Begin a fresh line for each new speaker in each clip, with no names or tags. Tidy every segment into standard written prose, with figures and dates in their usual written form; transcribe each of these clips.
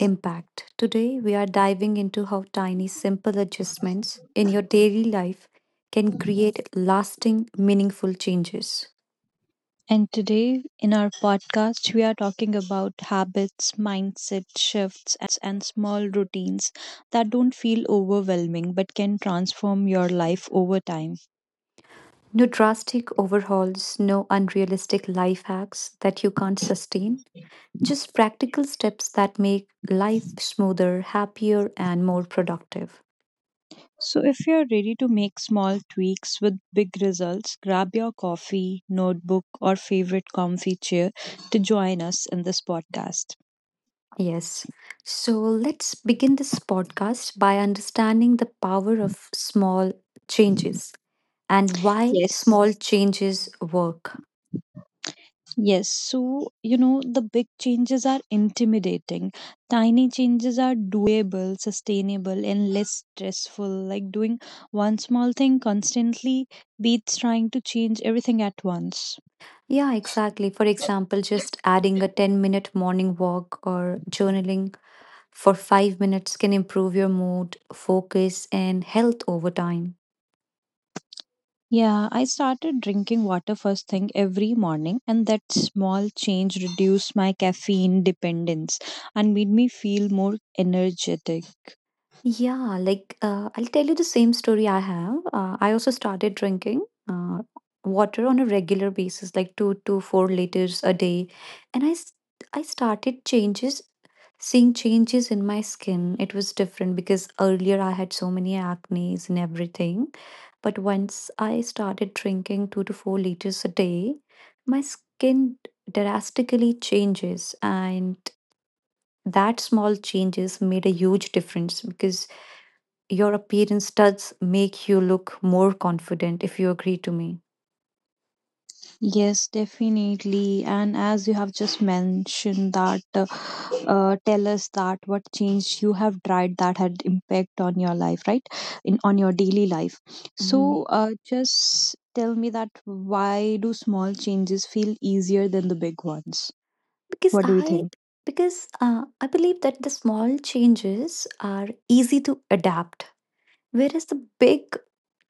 Impact. Today we are diving into how tiny, simple adjustments in your daily life can create lasting, meaningful changes.
And today in our podcast, we are talking about habits, mindset shifts, and small routines that don't feel overwhelming but can transform your life over time.
No drastic overhauls, no unrealistic life hacks that you can't sustain, just practical steps that make life smoother, happier, and more productive.
So, if you're ready to make small tweaks with big results, grab your coffee, notebook, or favorite comfy chair to join us in this podcast.
Yes. So let's begin this podcast by understanding the power of small changes and why
Yes.
small changes work.
The big changes are intimidating. Tiny changes are doable, sustainable, and less stressful. Like doing one small thing constantly beats trying to change everything at once.
Yeah, exactly. For example, just adding a 10-minute morning walk or journaling for 5 minutes can improve your mood, focus, and health over time.
Yeah, I started drinking water first thing every morning, and that small change reduced my caffeine dependence and made me feel more energetic.
Yeah, I'll tell you the same story I have. I also started drinking water on a regular basis, like 2 to 4 liters a day, and I started seeing changes in my skin. It was different because earlier I had so many acnes and everything, but once I started drinking 2 to 4 liters a day, my skin drastically changes, and that small changes made a huge difference because your appearance does make you look more confident if you agree to me.
Yes, definitely. And as you have just mentioned that, tell us that what change you have tried that had impact on your life, right? In on your daily life.
Hmm
So, just tell me that why do small changes feel easier than the big ones?
Because
What do you
I
think?
because I believe that the small changes are easy to adapt, whereas the big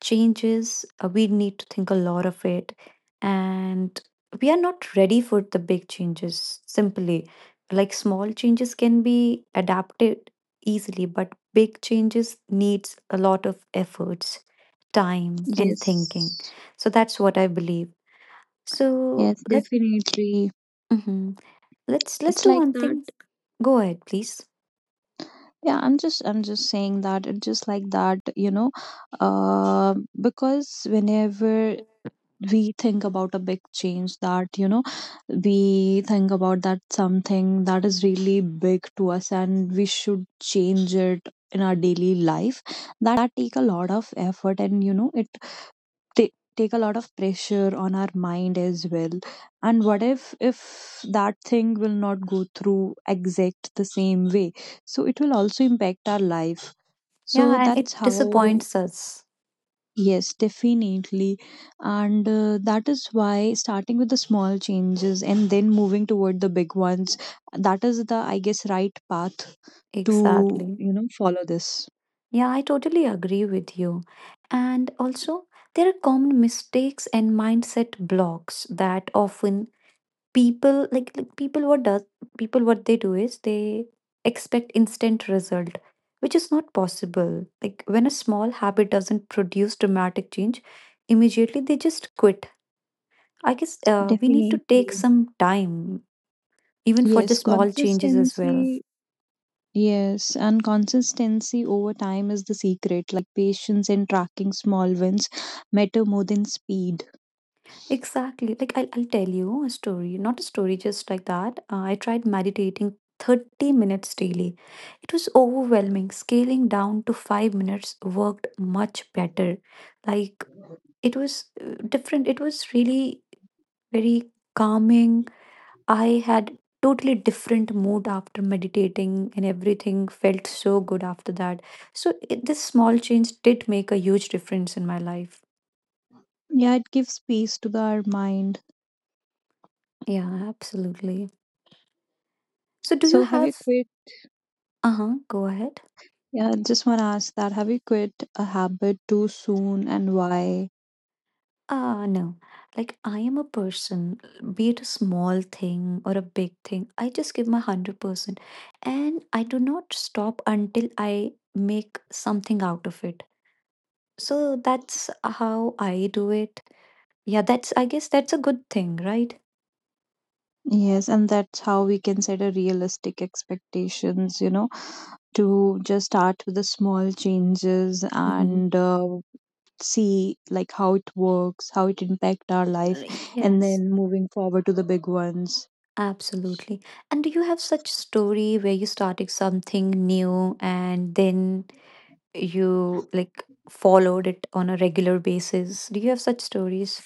changes we need to think a lot of it, and we are not ready for the big changes. Simply, like small changes can be adapted easily, but big changes needs a lot of efforts, time and thinking.
Yes.
So that's what I believe. So
Yes, definitely.
mhm. let's
It's
do
like
one
that.
thing. Go ahead, please.
Yeah, I'm just saying that it's just like that, uh, because whenever we think about a big change that you know we think about that something that is really big to us and we should change it in our daily life, that take a lot of effort, and you know it ta- take a lot of pressure on our mind as well. And what if that thing will not go through exact the same way, so it will also impact our life. So
Yeah, and it
that's how.
disappoints us.
Yes, definitely. And that is why starting with the small changes and then moving toward the big ones, that is the, I guess, right path to,
Exactly.
you know, follow this.
Yeah, I totally agree with you. And also, there are common mistakes and mindset blocks that often people, like people what does people what they do is they expect instant result, which is not possible. Like when a small habit doesn't produce dramatic change immediately, they just quit. I guess we need to take
Definitely.
some time even for the
Yes,
small changes as well.
consistency. Yes, and consistency over time is the secret. Like patience and tracking small wins matter more than speed.
Exactly. I'll tell you a story, not a story, just like that. I tried meditating 30 minutes daily. It was overwhelming. Scaling down to 5 minutes worked much better. Like it was different. It was really very calming. I had totally different mood after meditating and everything felt so good after that. So this small change did make a huge difference in my life.
Yeah, it gives peace to the, our mind.
Yeah, absolutely. So do you
So, have
have
you quit?
uh-huh go ahead.
Yeah, I just want to ask that have you quit a habit too soon, and why?
No, like, I am a person, be it a small thing or a big thing, I just give my 100% and I do not stop until I make something out of it. So that's how I do it. Yeah, that's, I guess that's a good thing, right?
Yes, and that's how we can set a realistic expectations, you know, to just start with the small changes
Hmm.
and see like how it works, how it impact our life,
Right.
and
Yes,
then moving forward to the big ones.
absolutely. And do you have such story where you started something new and then you like followed it on a regular basis? Do you have such stories?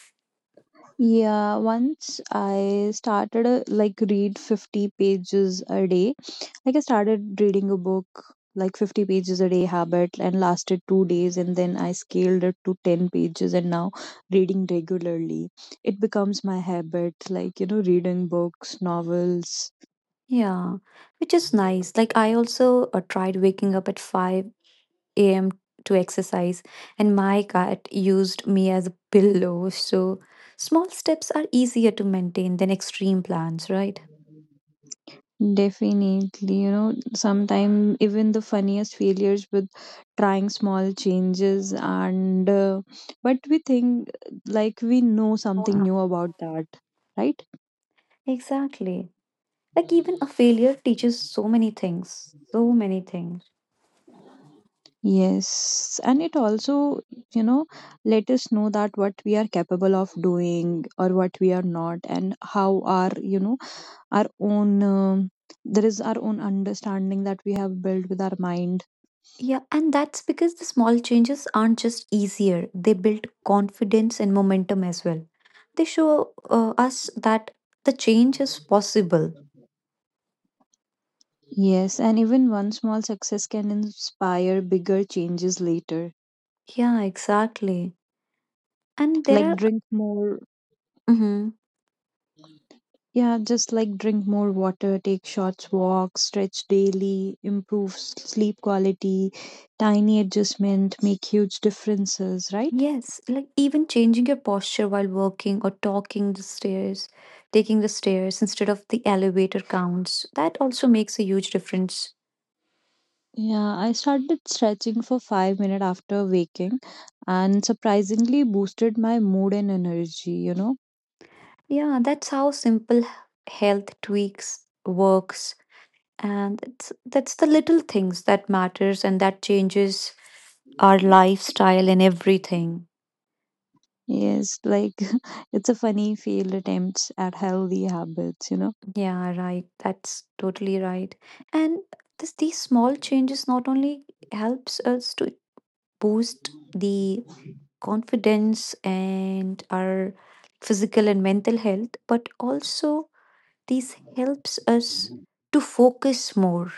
Yeah, once I started like read 50 pages a day. Like I started reading a book like 50 pages a day habit and lasted 2 days, and then I scaled it to 10 pages and now reading regularly. It becomes my habit, like you know, reading books, novels.
Yeah, which is nice. Like, I also tried waking up at 5 a.m. to exercise, and my cat used me as a pillow. So, small steps are easier to maintain than extreme plans, right?
Definitely, you know, sometimes even the funniest failures with trying small changes, and but we think like we know something
Mm.
new about that, right?
Exactly. Like, even a failure teaches so many things. So many things.
Yes, and it also, you know, let us know that what we are capable of doing or what we are not, and how our, you know, our own, there is our own understanding that we have built with our mind.
Yeah, and that's because the small changes aren't just easier, they build confidence and momentum as well. They show us that the change is possible.
Yes, and even one small success can inspire bigger changes later.
Yeah, exactly. And there
Like
are.
drink more,
Mhm.
yeah, just like drink more water, take short walks, stretch daily, improve sleep quality. Tiny adjustment make huge differences, right?
Yes, like even changing your posture while working or taking the stairs instead of the elevator counts, that also makes a huge difference.
Yeah, I started stretching for 5 minutes after waking and surprisingly boosted my mood and energy, you know.
Yeah, that's how simple health tweaks works, and that's the little things that matters and that changes our lifestyle and everything.
Yes, like it's a funny failed attempts at healthy habits, you know.
Yeah, right. That's totally right. And these small changes not only helps us to boost the confidence and our physical and mental health, but also this helps us to focus more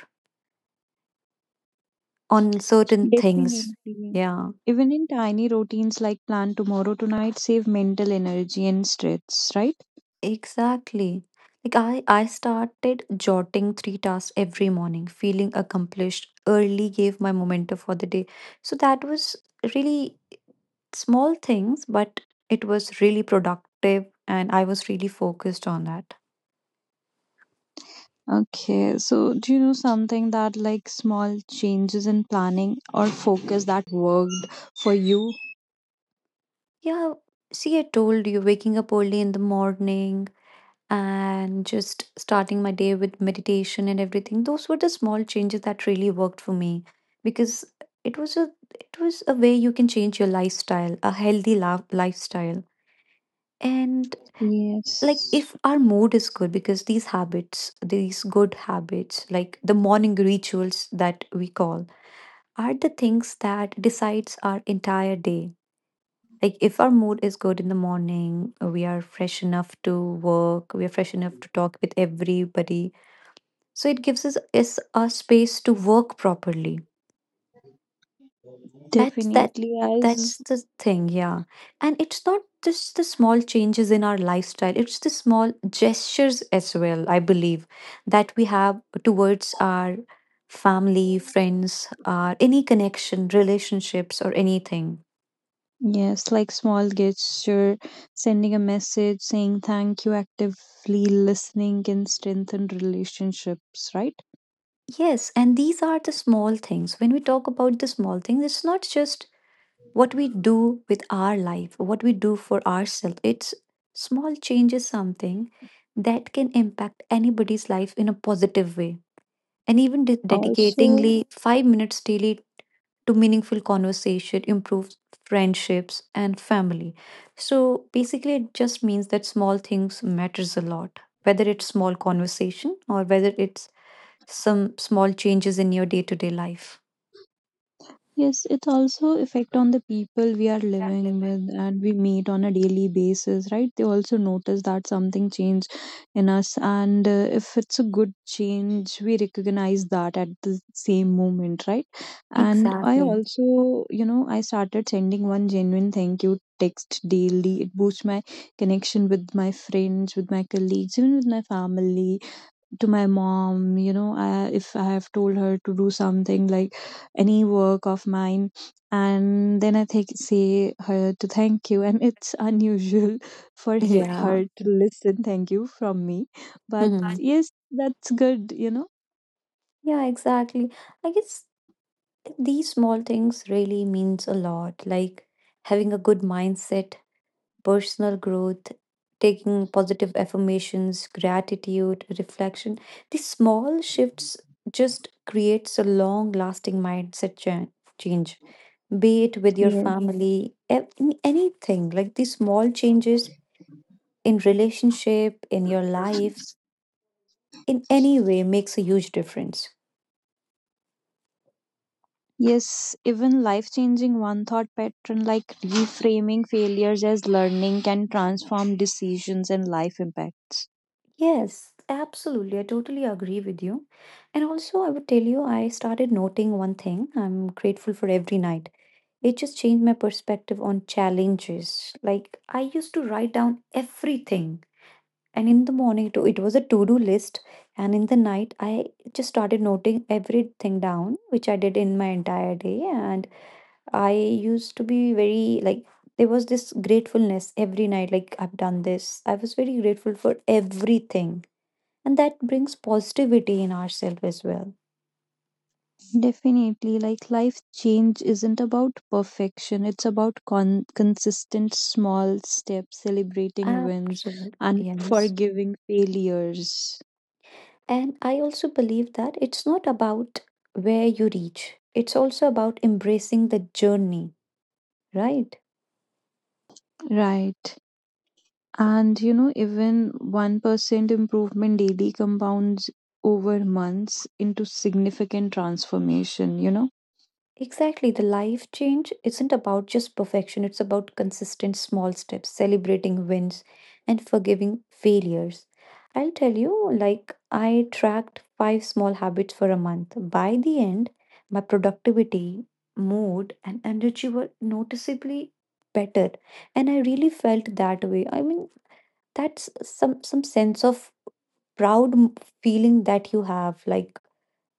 on certain things.
Definitely.
Yeah,
Even in tiny routines like plan tomorrow tonight save mental energy and stress, right?
exactly. Like I started jotting 3 tasks every morning, feeling accomplished early gave my momentum for the day. So that was really small things, but it was really productive and I was really focused on that.
Okay, so do you know something that like small changes in planning or focus that worked for you?
Yeah, see, I told you, waking up early in the morning and just starting my day with meditation and everything, those were the small changes that really worked for me because it was a it was a way you can change your lifestyle, a healthy lifestyle. And like
Yes,
if our mood is good because these habits, these good habits, like the morning rituals that we call, are the things that decides our entire day. Like if our mood is good in the morning, we are fresh enough to work, we are fresh enough to talk with everybody. So it gives us a space to work properly. That's that
definitely.
that's the thing, yeah. And it's not just the small changes in our lifestyle, it's the small gestures as well, I believe, that we have towards our family, friends, our any connection, relationships or anything.
Like small gesture, sending a message, saying thank you, actively listening can strengthen relationships, right?
Yes, and these are the small things. When we talk about the small things, it's not just what we do with our life, what we do for ourselves. It's small changes, something that can impact anybody's life in a positive way. And even
Also,
dedicatingly 5 minutes daily to meaningful conversation improves friendships and family. So basically, it just means that small things matters a lot, whether it's small conversation or whether it's some small changes in your day to day life.
Yes, it also affect on the people we are living with and we meet on a daily basis, right? They also notice that something changed in us, and if it's a good change, we recognize that at the same moment, right? And I
Exactly.
also, you know, I started sending one genuine thank you text daily. It boosts my connection with my friends, with my colleagues, even with my family, to my mom. You know, if I have told her to do something like any work of mine and then I think say her to thank you, and it's unusual for
Yeah.
her to listen thank you from me. But
Mhm.
yes, that's good, you know.
Yeah, exactly. I guess these small things really means a lot, like having a good mindset, personal growth, taking positive affirmations, gratitude, reflection. These small shifts just creates a long lasting mindset change, be it with your
Yeah.
family, in anything. Like these small changes in relationship, in your life, in any way makes a huge difference.
Yes, even life changing one thought pattern like reframing failures as learning can transform decisions and life impacts.
Yes, absolutely. I totally agree with you. And also, I would tell you, I started noting one thing I'm grateful for every night. It just changed my perspective on challenges. Like, I used to write down everything. And in the morning, too, it was a to do list. And in the night, I just started noting everything down, which I did in my entire day. And I used to be very, like, there was this gratefulness every night, like I've done this. I was very grateful for everything. And that brings positivity in ourselves as well.
Definitely, like life change isn't about perfection, it's about consistent small steps, celebrating wins
Absolutely.
and
Yes.
forgiving failures.
And I also believe that it's not about where you reach. It's also about embracing the journey, right?
Right. And you know, even 1% improvement daily compounds over months into significant transformation, you know?
Exactly. The life change isn't about just perfection, it's about consistent small steps, celebrating wins, and forgiving failures. I'll tell you, like, I tracked five small habits for a month. By the end, my productivity, mood, and energy were noticeably better. And I really felt that way. I mean, that's some sense of proud feeling that you have, like,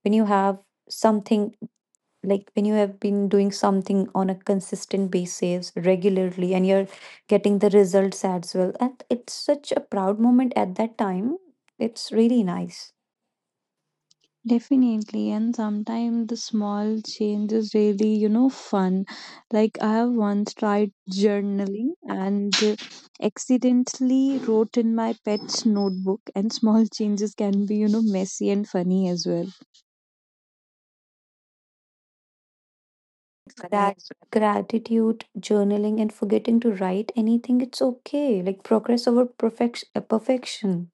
when you have something, like when you have been doing something on a consistent basis regularly and you're getting the results as well, and it's such a proud moment at that time. It's really nice.
Definitely, and sometimes the small change is really, you know, fun. Like I have once tried journaling and accidentally wrote in my pet's notebook, and small changes can be, you know, messy and funny as well.
That gratitude journaling and forgetting to write anything, it's okay. Like, progress over perfection.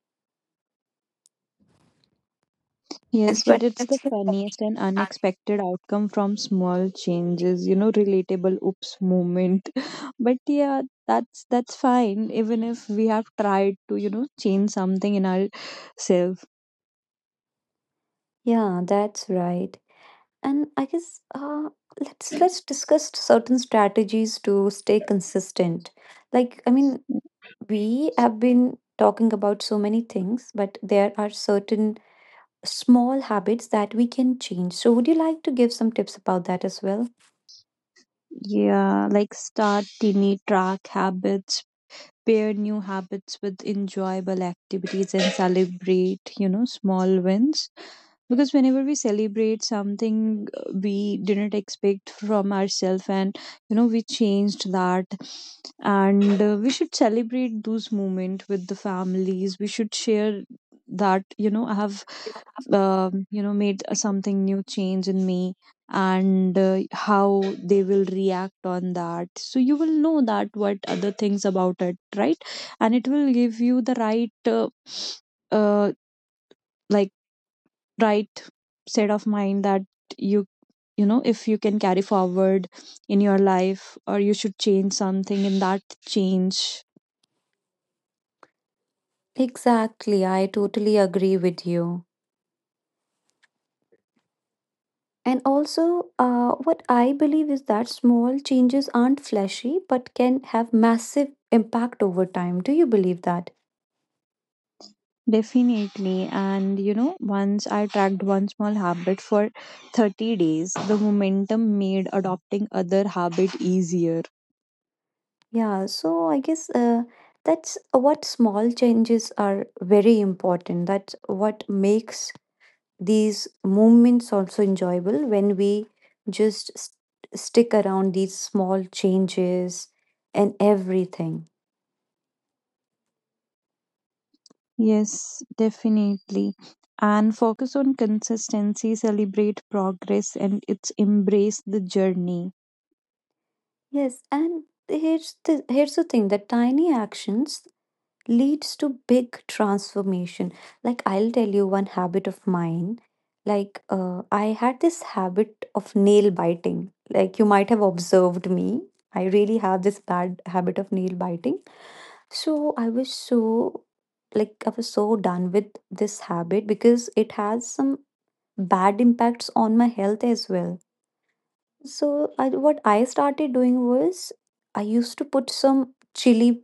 Yes, but it's the funniest and unexpected outcome from small changes, you know, relatable oops moment. But yeah, that's fine, even if we have tried to, you know, change something in ourselves.
Yeah, that's right. And I guess, let's discuss certain strategies to stay consistent. Like, I mean, we have been talking about so many things, but there are certain small habits that we can change. So would you like to give some tips about that as well?
Yeah, like start tiny track habits, pair new habits with enjoyable activities and celebrate, you know, small wins, because whenever we celebrate something we didn't expect from ourselves, and you know we changed that, and we should celebrate those moments with the families. We should share that you know I have you know made something new change in me, and how they will react on that, so you will know that what other things about it, right? And it will give you the right uh, like right state of mind that you you know if you can carry forward in your life or you should change something in that change.
Exactly, I totally agree with you. And also, what I believe is that small changes aren't flashy but can have massive impact over time. Do you believe that?
Definitely. And you know, once I tracked one small habit for 30 days, the momentum made adopting other habit easier.
Yeah, so I guess that's what, small changes are very important. That's what makes these movements also enjoyable when we just stick around these small changes and everything.
Yes, definitely. And focus on consistency, celebrate progress, and it's embrace the journey.
Yes, and here's the thing, that tiny actions leads to big transformation. Like, I'll tell you one habit of mine. Like, I had this habit of nail biting. Like, you might have observed me. I really have this bad habit of nail biting. So I was so, like, I was so done with this habit because it has some bad impacts on my health as well. So I, what I started doing was, I used to put some chili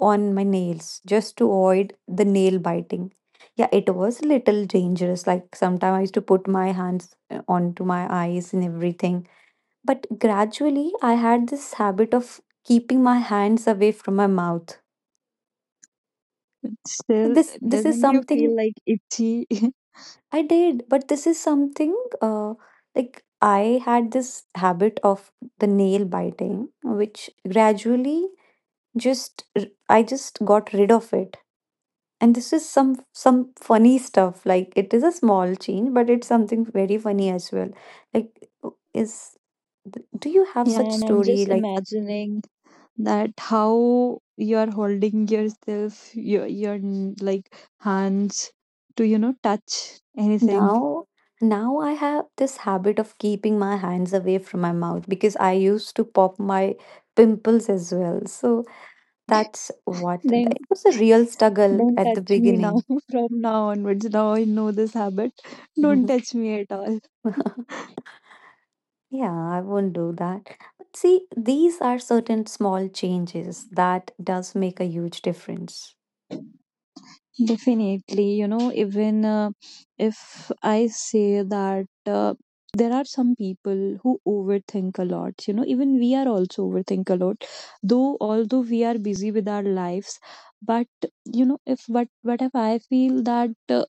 on my nails just to avoid the nail biting. Yeah, it was a little dangerous. Like, sometimes I used to put my hands onto my eyes and everything. But gradually I had this habit of keeping my hands away from my mouth. So
Still,
this is
doesn't you
something
feel like itchy?
I did. But this is something, uh like, I had this habit of the nail biting, which gradually just I just got rid of it. And this is some funny stuff. Like, it is a small change, but it's something very funny as well. Like, w- is do you have
Yeah,
such
I'm
story?
just
Like,
imagining that how you are holding yourself, your like hands to you know touch anything.
now now I have this habit of keeping my hands away from my mouth because I used to pop my pimples as well. So that's what,
Then
it was a real struggle
don't
at the
touch me now.
beginning.
From now onwards, now I know this habit. Don't touch me at all.
Yeah, I won't do that. But see, these are certain small changes that does make a huge difference.
Definitely, you know, even if I say that there are some people who overthink a lot, you know, even we are also overthink a lot. Though, although we are busy with our lives, but you know, if what if I feel that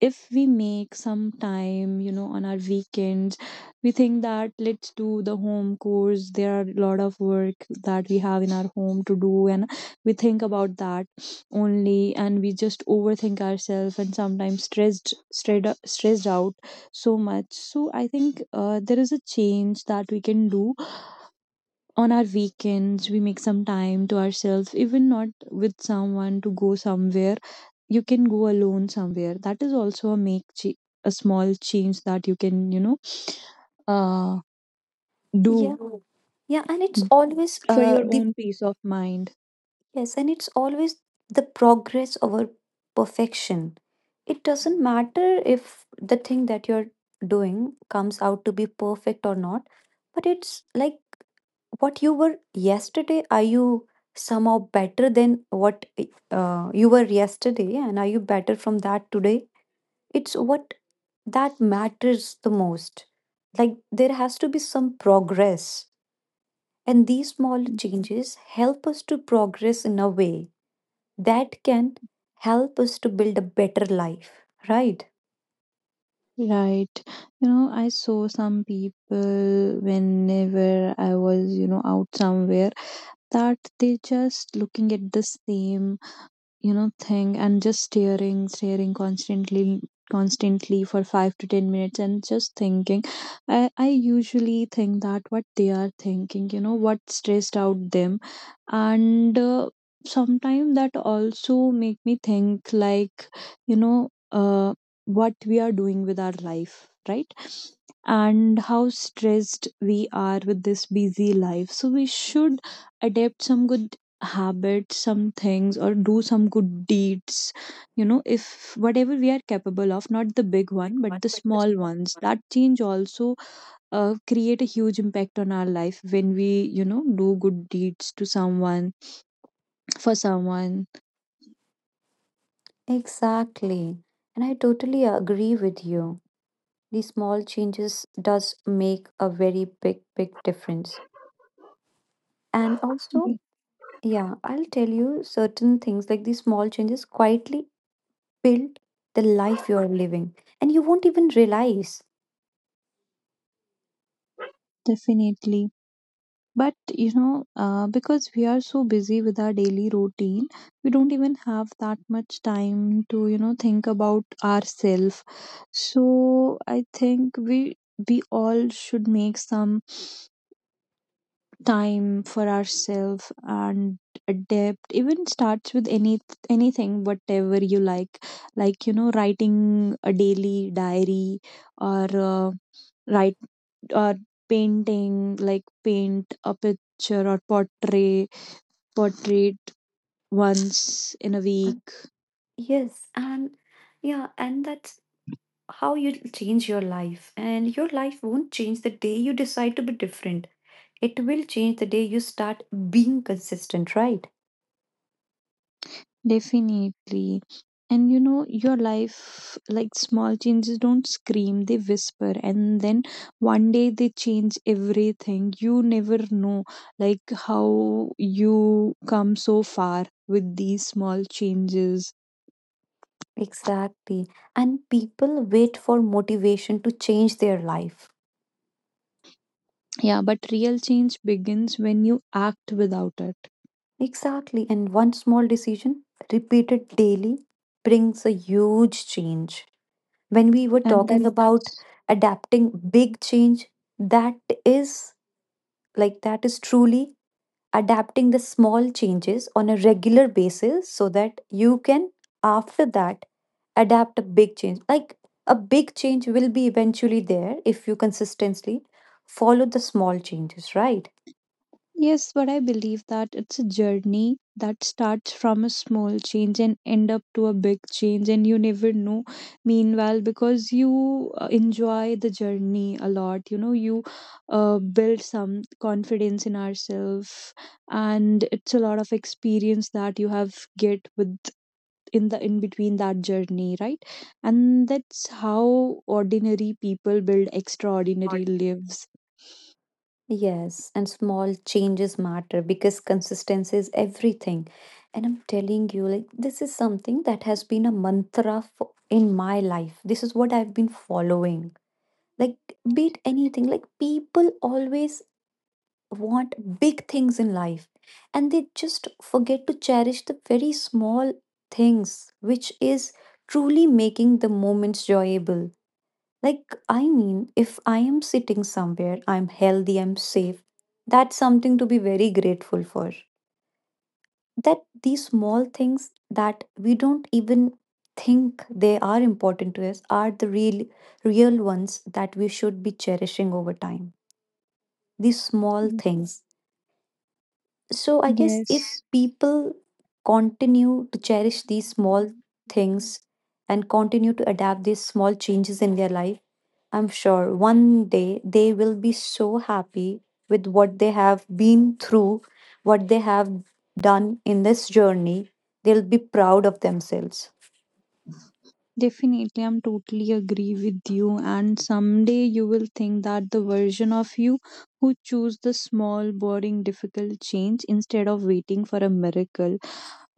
if we make some time you know on our weekends, we think that let's do the home chores, there are a lot of work that we have in our home to do and we think about that only and we just overthink ourselves and sometimes stressed stressed out so much. So I think there is a change that we can do on our weekends, we make some time to ourselves, even not with someone to go somewhere, you can go alone somewhere, that is also a make a small change that you can you know uh do
Yeah. True. Yeah, and it's always
for your
the
own peace of mind,
yes, and it's always the progress over perfection. It doesn't matter if the thing that you're doing comes out to be perfect or not, but it's like, what you were yesterday, are you somehow better than what, you were yesterday, and are you better from that today? It's what that matters the most. Like, there has to be some progress, and these small changes help us to progress in a way that can help us to build a better life, right?
right? You know I saw some people whenever I was you know out somewhere that they just looking at the same you know thing and just staring constantly for 5 to 10 minutes and just thinking i usually think that what they are thinking you know what stressed out them, and sometimes that also make me think like you know what we are doing with our life, right? And how stressed we are with this busy life. So we should adapt some good habits, some things, or do some good deeds you know if whatever we are capable of, not the big one but the small ones, that change also create a huge impact on our life when we you know do good deeds to someone, for someone.
Exactly. And I totally agree with you. These small changes does make a very big, big difference. And also, yeah, I'll tell you certain things. Like, these small changes quietly build the life you are living and you won't even realize.
Definitely, but you know because we are so busy with our daily routine we don't even have that much time to you know think about ourselves. So I think we all should make some time for ourselves and adapt, even starts with anything whatever you like you know writing a daily diary or write or painting, like paint a picture or portrait once in a week.
And- yes and Yeah, and that's how you change your life. And your life won't change the day you decide to be different, it will change the day you start being consistent, right?
Definitely. And you know, your life, like small changes don't scream, they whisper. And then one day they change everything. You never know, like, how you come so far with these small changes.
Exactly. And people wait for motivation to change their life.
Yeah, but real change begins when you act without it.
Exactly. And one small decision repeated daily brings a huge change. When we were
And
talking about adapting big change, that is like, that is truly adapting the small changes on a regular basis so that you can after that adapt a big change. Like, a big change will be eventually there if you consistently follow the small changes, right?
yes, but I believe that it's a journey that starts from a small change and end up to a big change, and you never know meanwhile because you enjoy the journey a lot. You know, you build some confidence in ourselves, and it's a lot of experience that you have get with in the in between that journey, right? And that's how ordinary people build extraordinary lives.
Yes, and small changes matter because consistency is everything. And I'm telling you, like, this is something that has been a mantra for, in my life. This is what I've been following. Like, be it anything, like, people always want big things in life and they just forget to cherish the very small things, which is truly making the moments joyable. Like, I mean, if I am sitting somewhere, I'm healthy, I'm safe, that's something to be very grateful for. That these small things that we don't even think they are important to us are the real ones that we should be cherishing over time. These small
Mm,
things. So I guess if
yes.
people continue to cherish these small things and continue to adapt these small changes in their life, I'm sure one day they will be so happy with what they have been through, what they have done in this journey. They'll be proud of themselves.
Definitely, I'm totally agree with you. And someday you will think that the version of you who choose the small, boring, difficult change instead of waiting for a miracle,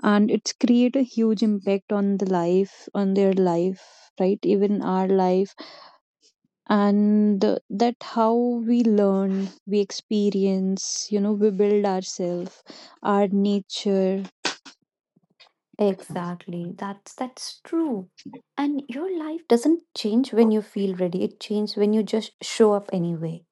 and it's create a huge impact on the life, on their life, right? Even our life, and that how we learn, we experience. You know, we build ourselves, our nature,
Exactly. That's true. And your life doesn't change when you feel ready. It changes when you just show up anyway.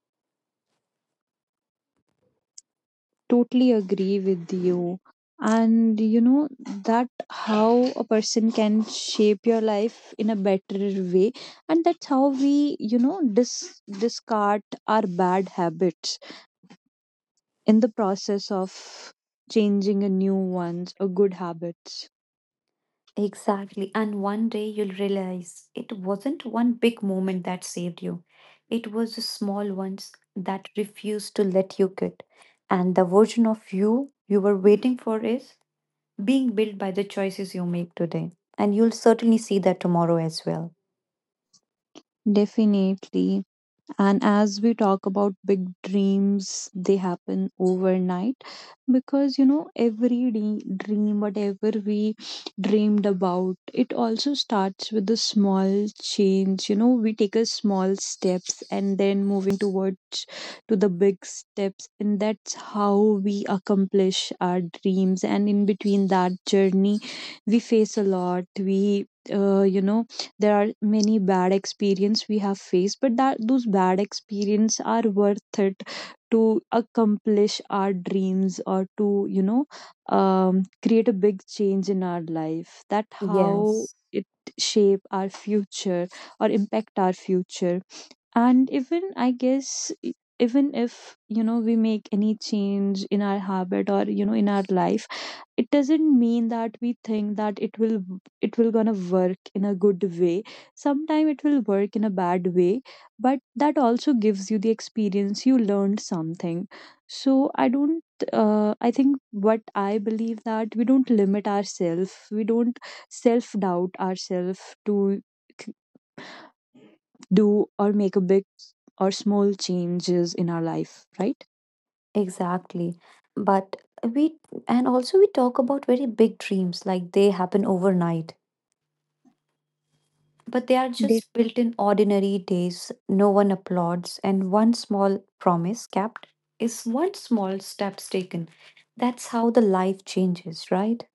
totally agree with you. And you know that how a person can shape your life in a better way, and that's how we, you know, discard our bad habits in the process of changing a new ones or good habits.
Exactly. And one day you'll realize it wasn't one big moment that saved you, it was the small ones that refused to let you quit. And the version of you you were waiting for is being built by the choices you make today. And you'll certainly see that tomorrow as well.
Definitely. And as we talk about big dreams, they happen overnight because, you know, every dream, whatever we dreamed about, it also starts with a small change. You know, we take a small steps and then moving towards to the big steps, and that's how we accomplish our dreams. And in between that journey, we face a lot. You know, there are many bad experience we have faced, but that those bad experience are worth it to accomplish our dreams or to, you know, create a big change in our life, that how
Yes,
it shape our future or impact our future. And even I guess, even if, you know, we make any change in our habit or, you know, in our life, it doesn't mean that we think that it will gonna work in a good way. Sometimes it will work in a bad way, but that also gives you the experience, you learned something. So I don't, I think what I believe that we don't limit ourselves, we don't self doubt ourselves to do or make a big or small changes in our life, right?
exactly. But we, and also we talk about very big dreams like they happen overnight. But they are
Def-
just built in ordinary days no one applauds, and one small promise kept is one small steps taken. That's how the life changes, right?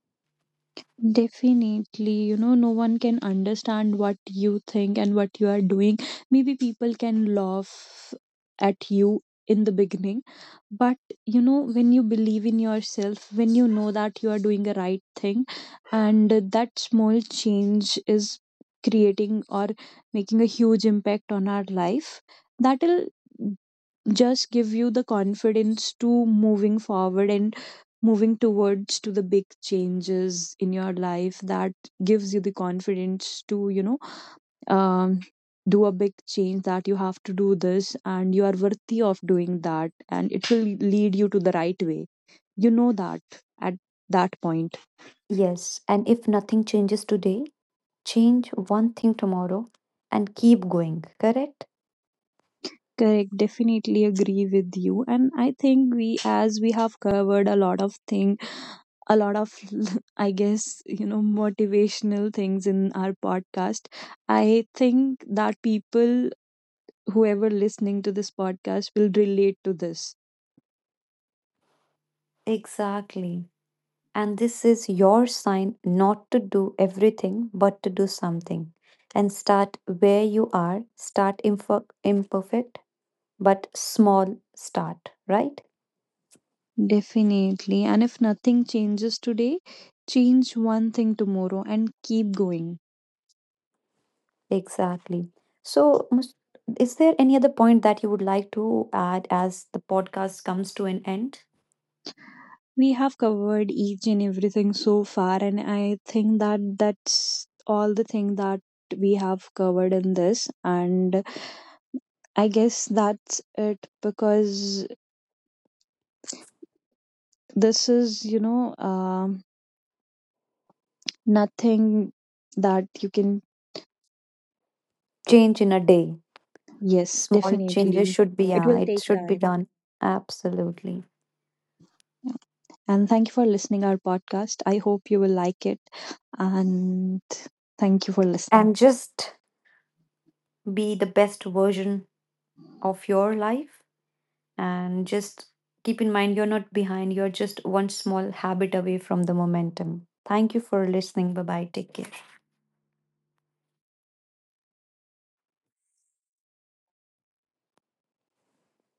definitely you know, no one can understand what you think and what you are doing. Maybe people can laugh at you in the beginning, but you know, when you believe in yourself, when you know that you are doing the right thing and that small change is creating or making a huge impact on our life, that'll just give you the confidence to moving forward and moving towards to the big changes in your life. That gives you the confidence to, you know, um, do a big change, that you have to do this and you are worthy of doing that, and it will lead you to the right way, you know, that at that point.
Yes, and if nothing changes today, change one thing tomorrow and keep going, correct?
Correct, definitely agree with you. And I think we, as we have covered a lot of things, a lot of I guess, you know, motivational things in our podcast, I think that people whoever listening to this podcast will relate to this
Exactly. And this is your sign not to do everything, but to do something. And start where you are, start imperfect, but small start, right?
definitely. And if nothing changes today, change one thing tomorrow and keep going.
Exactly. So, Mus-, is there any other point that you would like to add as the podcast comes to an end?
We have covered each and everything so far, and I think that that's all the thing that we have covered in this. And I guess that's it because this is, you know, nothing that you can,
Change in a day.
yes,
Small changes
definitely.
should be,
It
yeah,
will
it
take
should be
time.
done. Absolutely.
And thank you for listening our podcast. I hope you will like it. And thank you for listening.
And just be the best version of your life. And just keep in mind, you're not behind. You're just one small habit away from the momentum. Thank you for listening. Bye bye. Take care.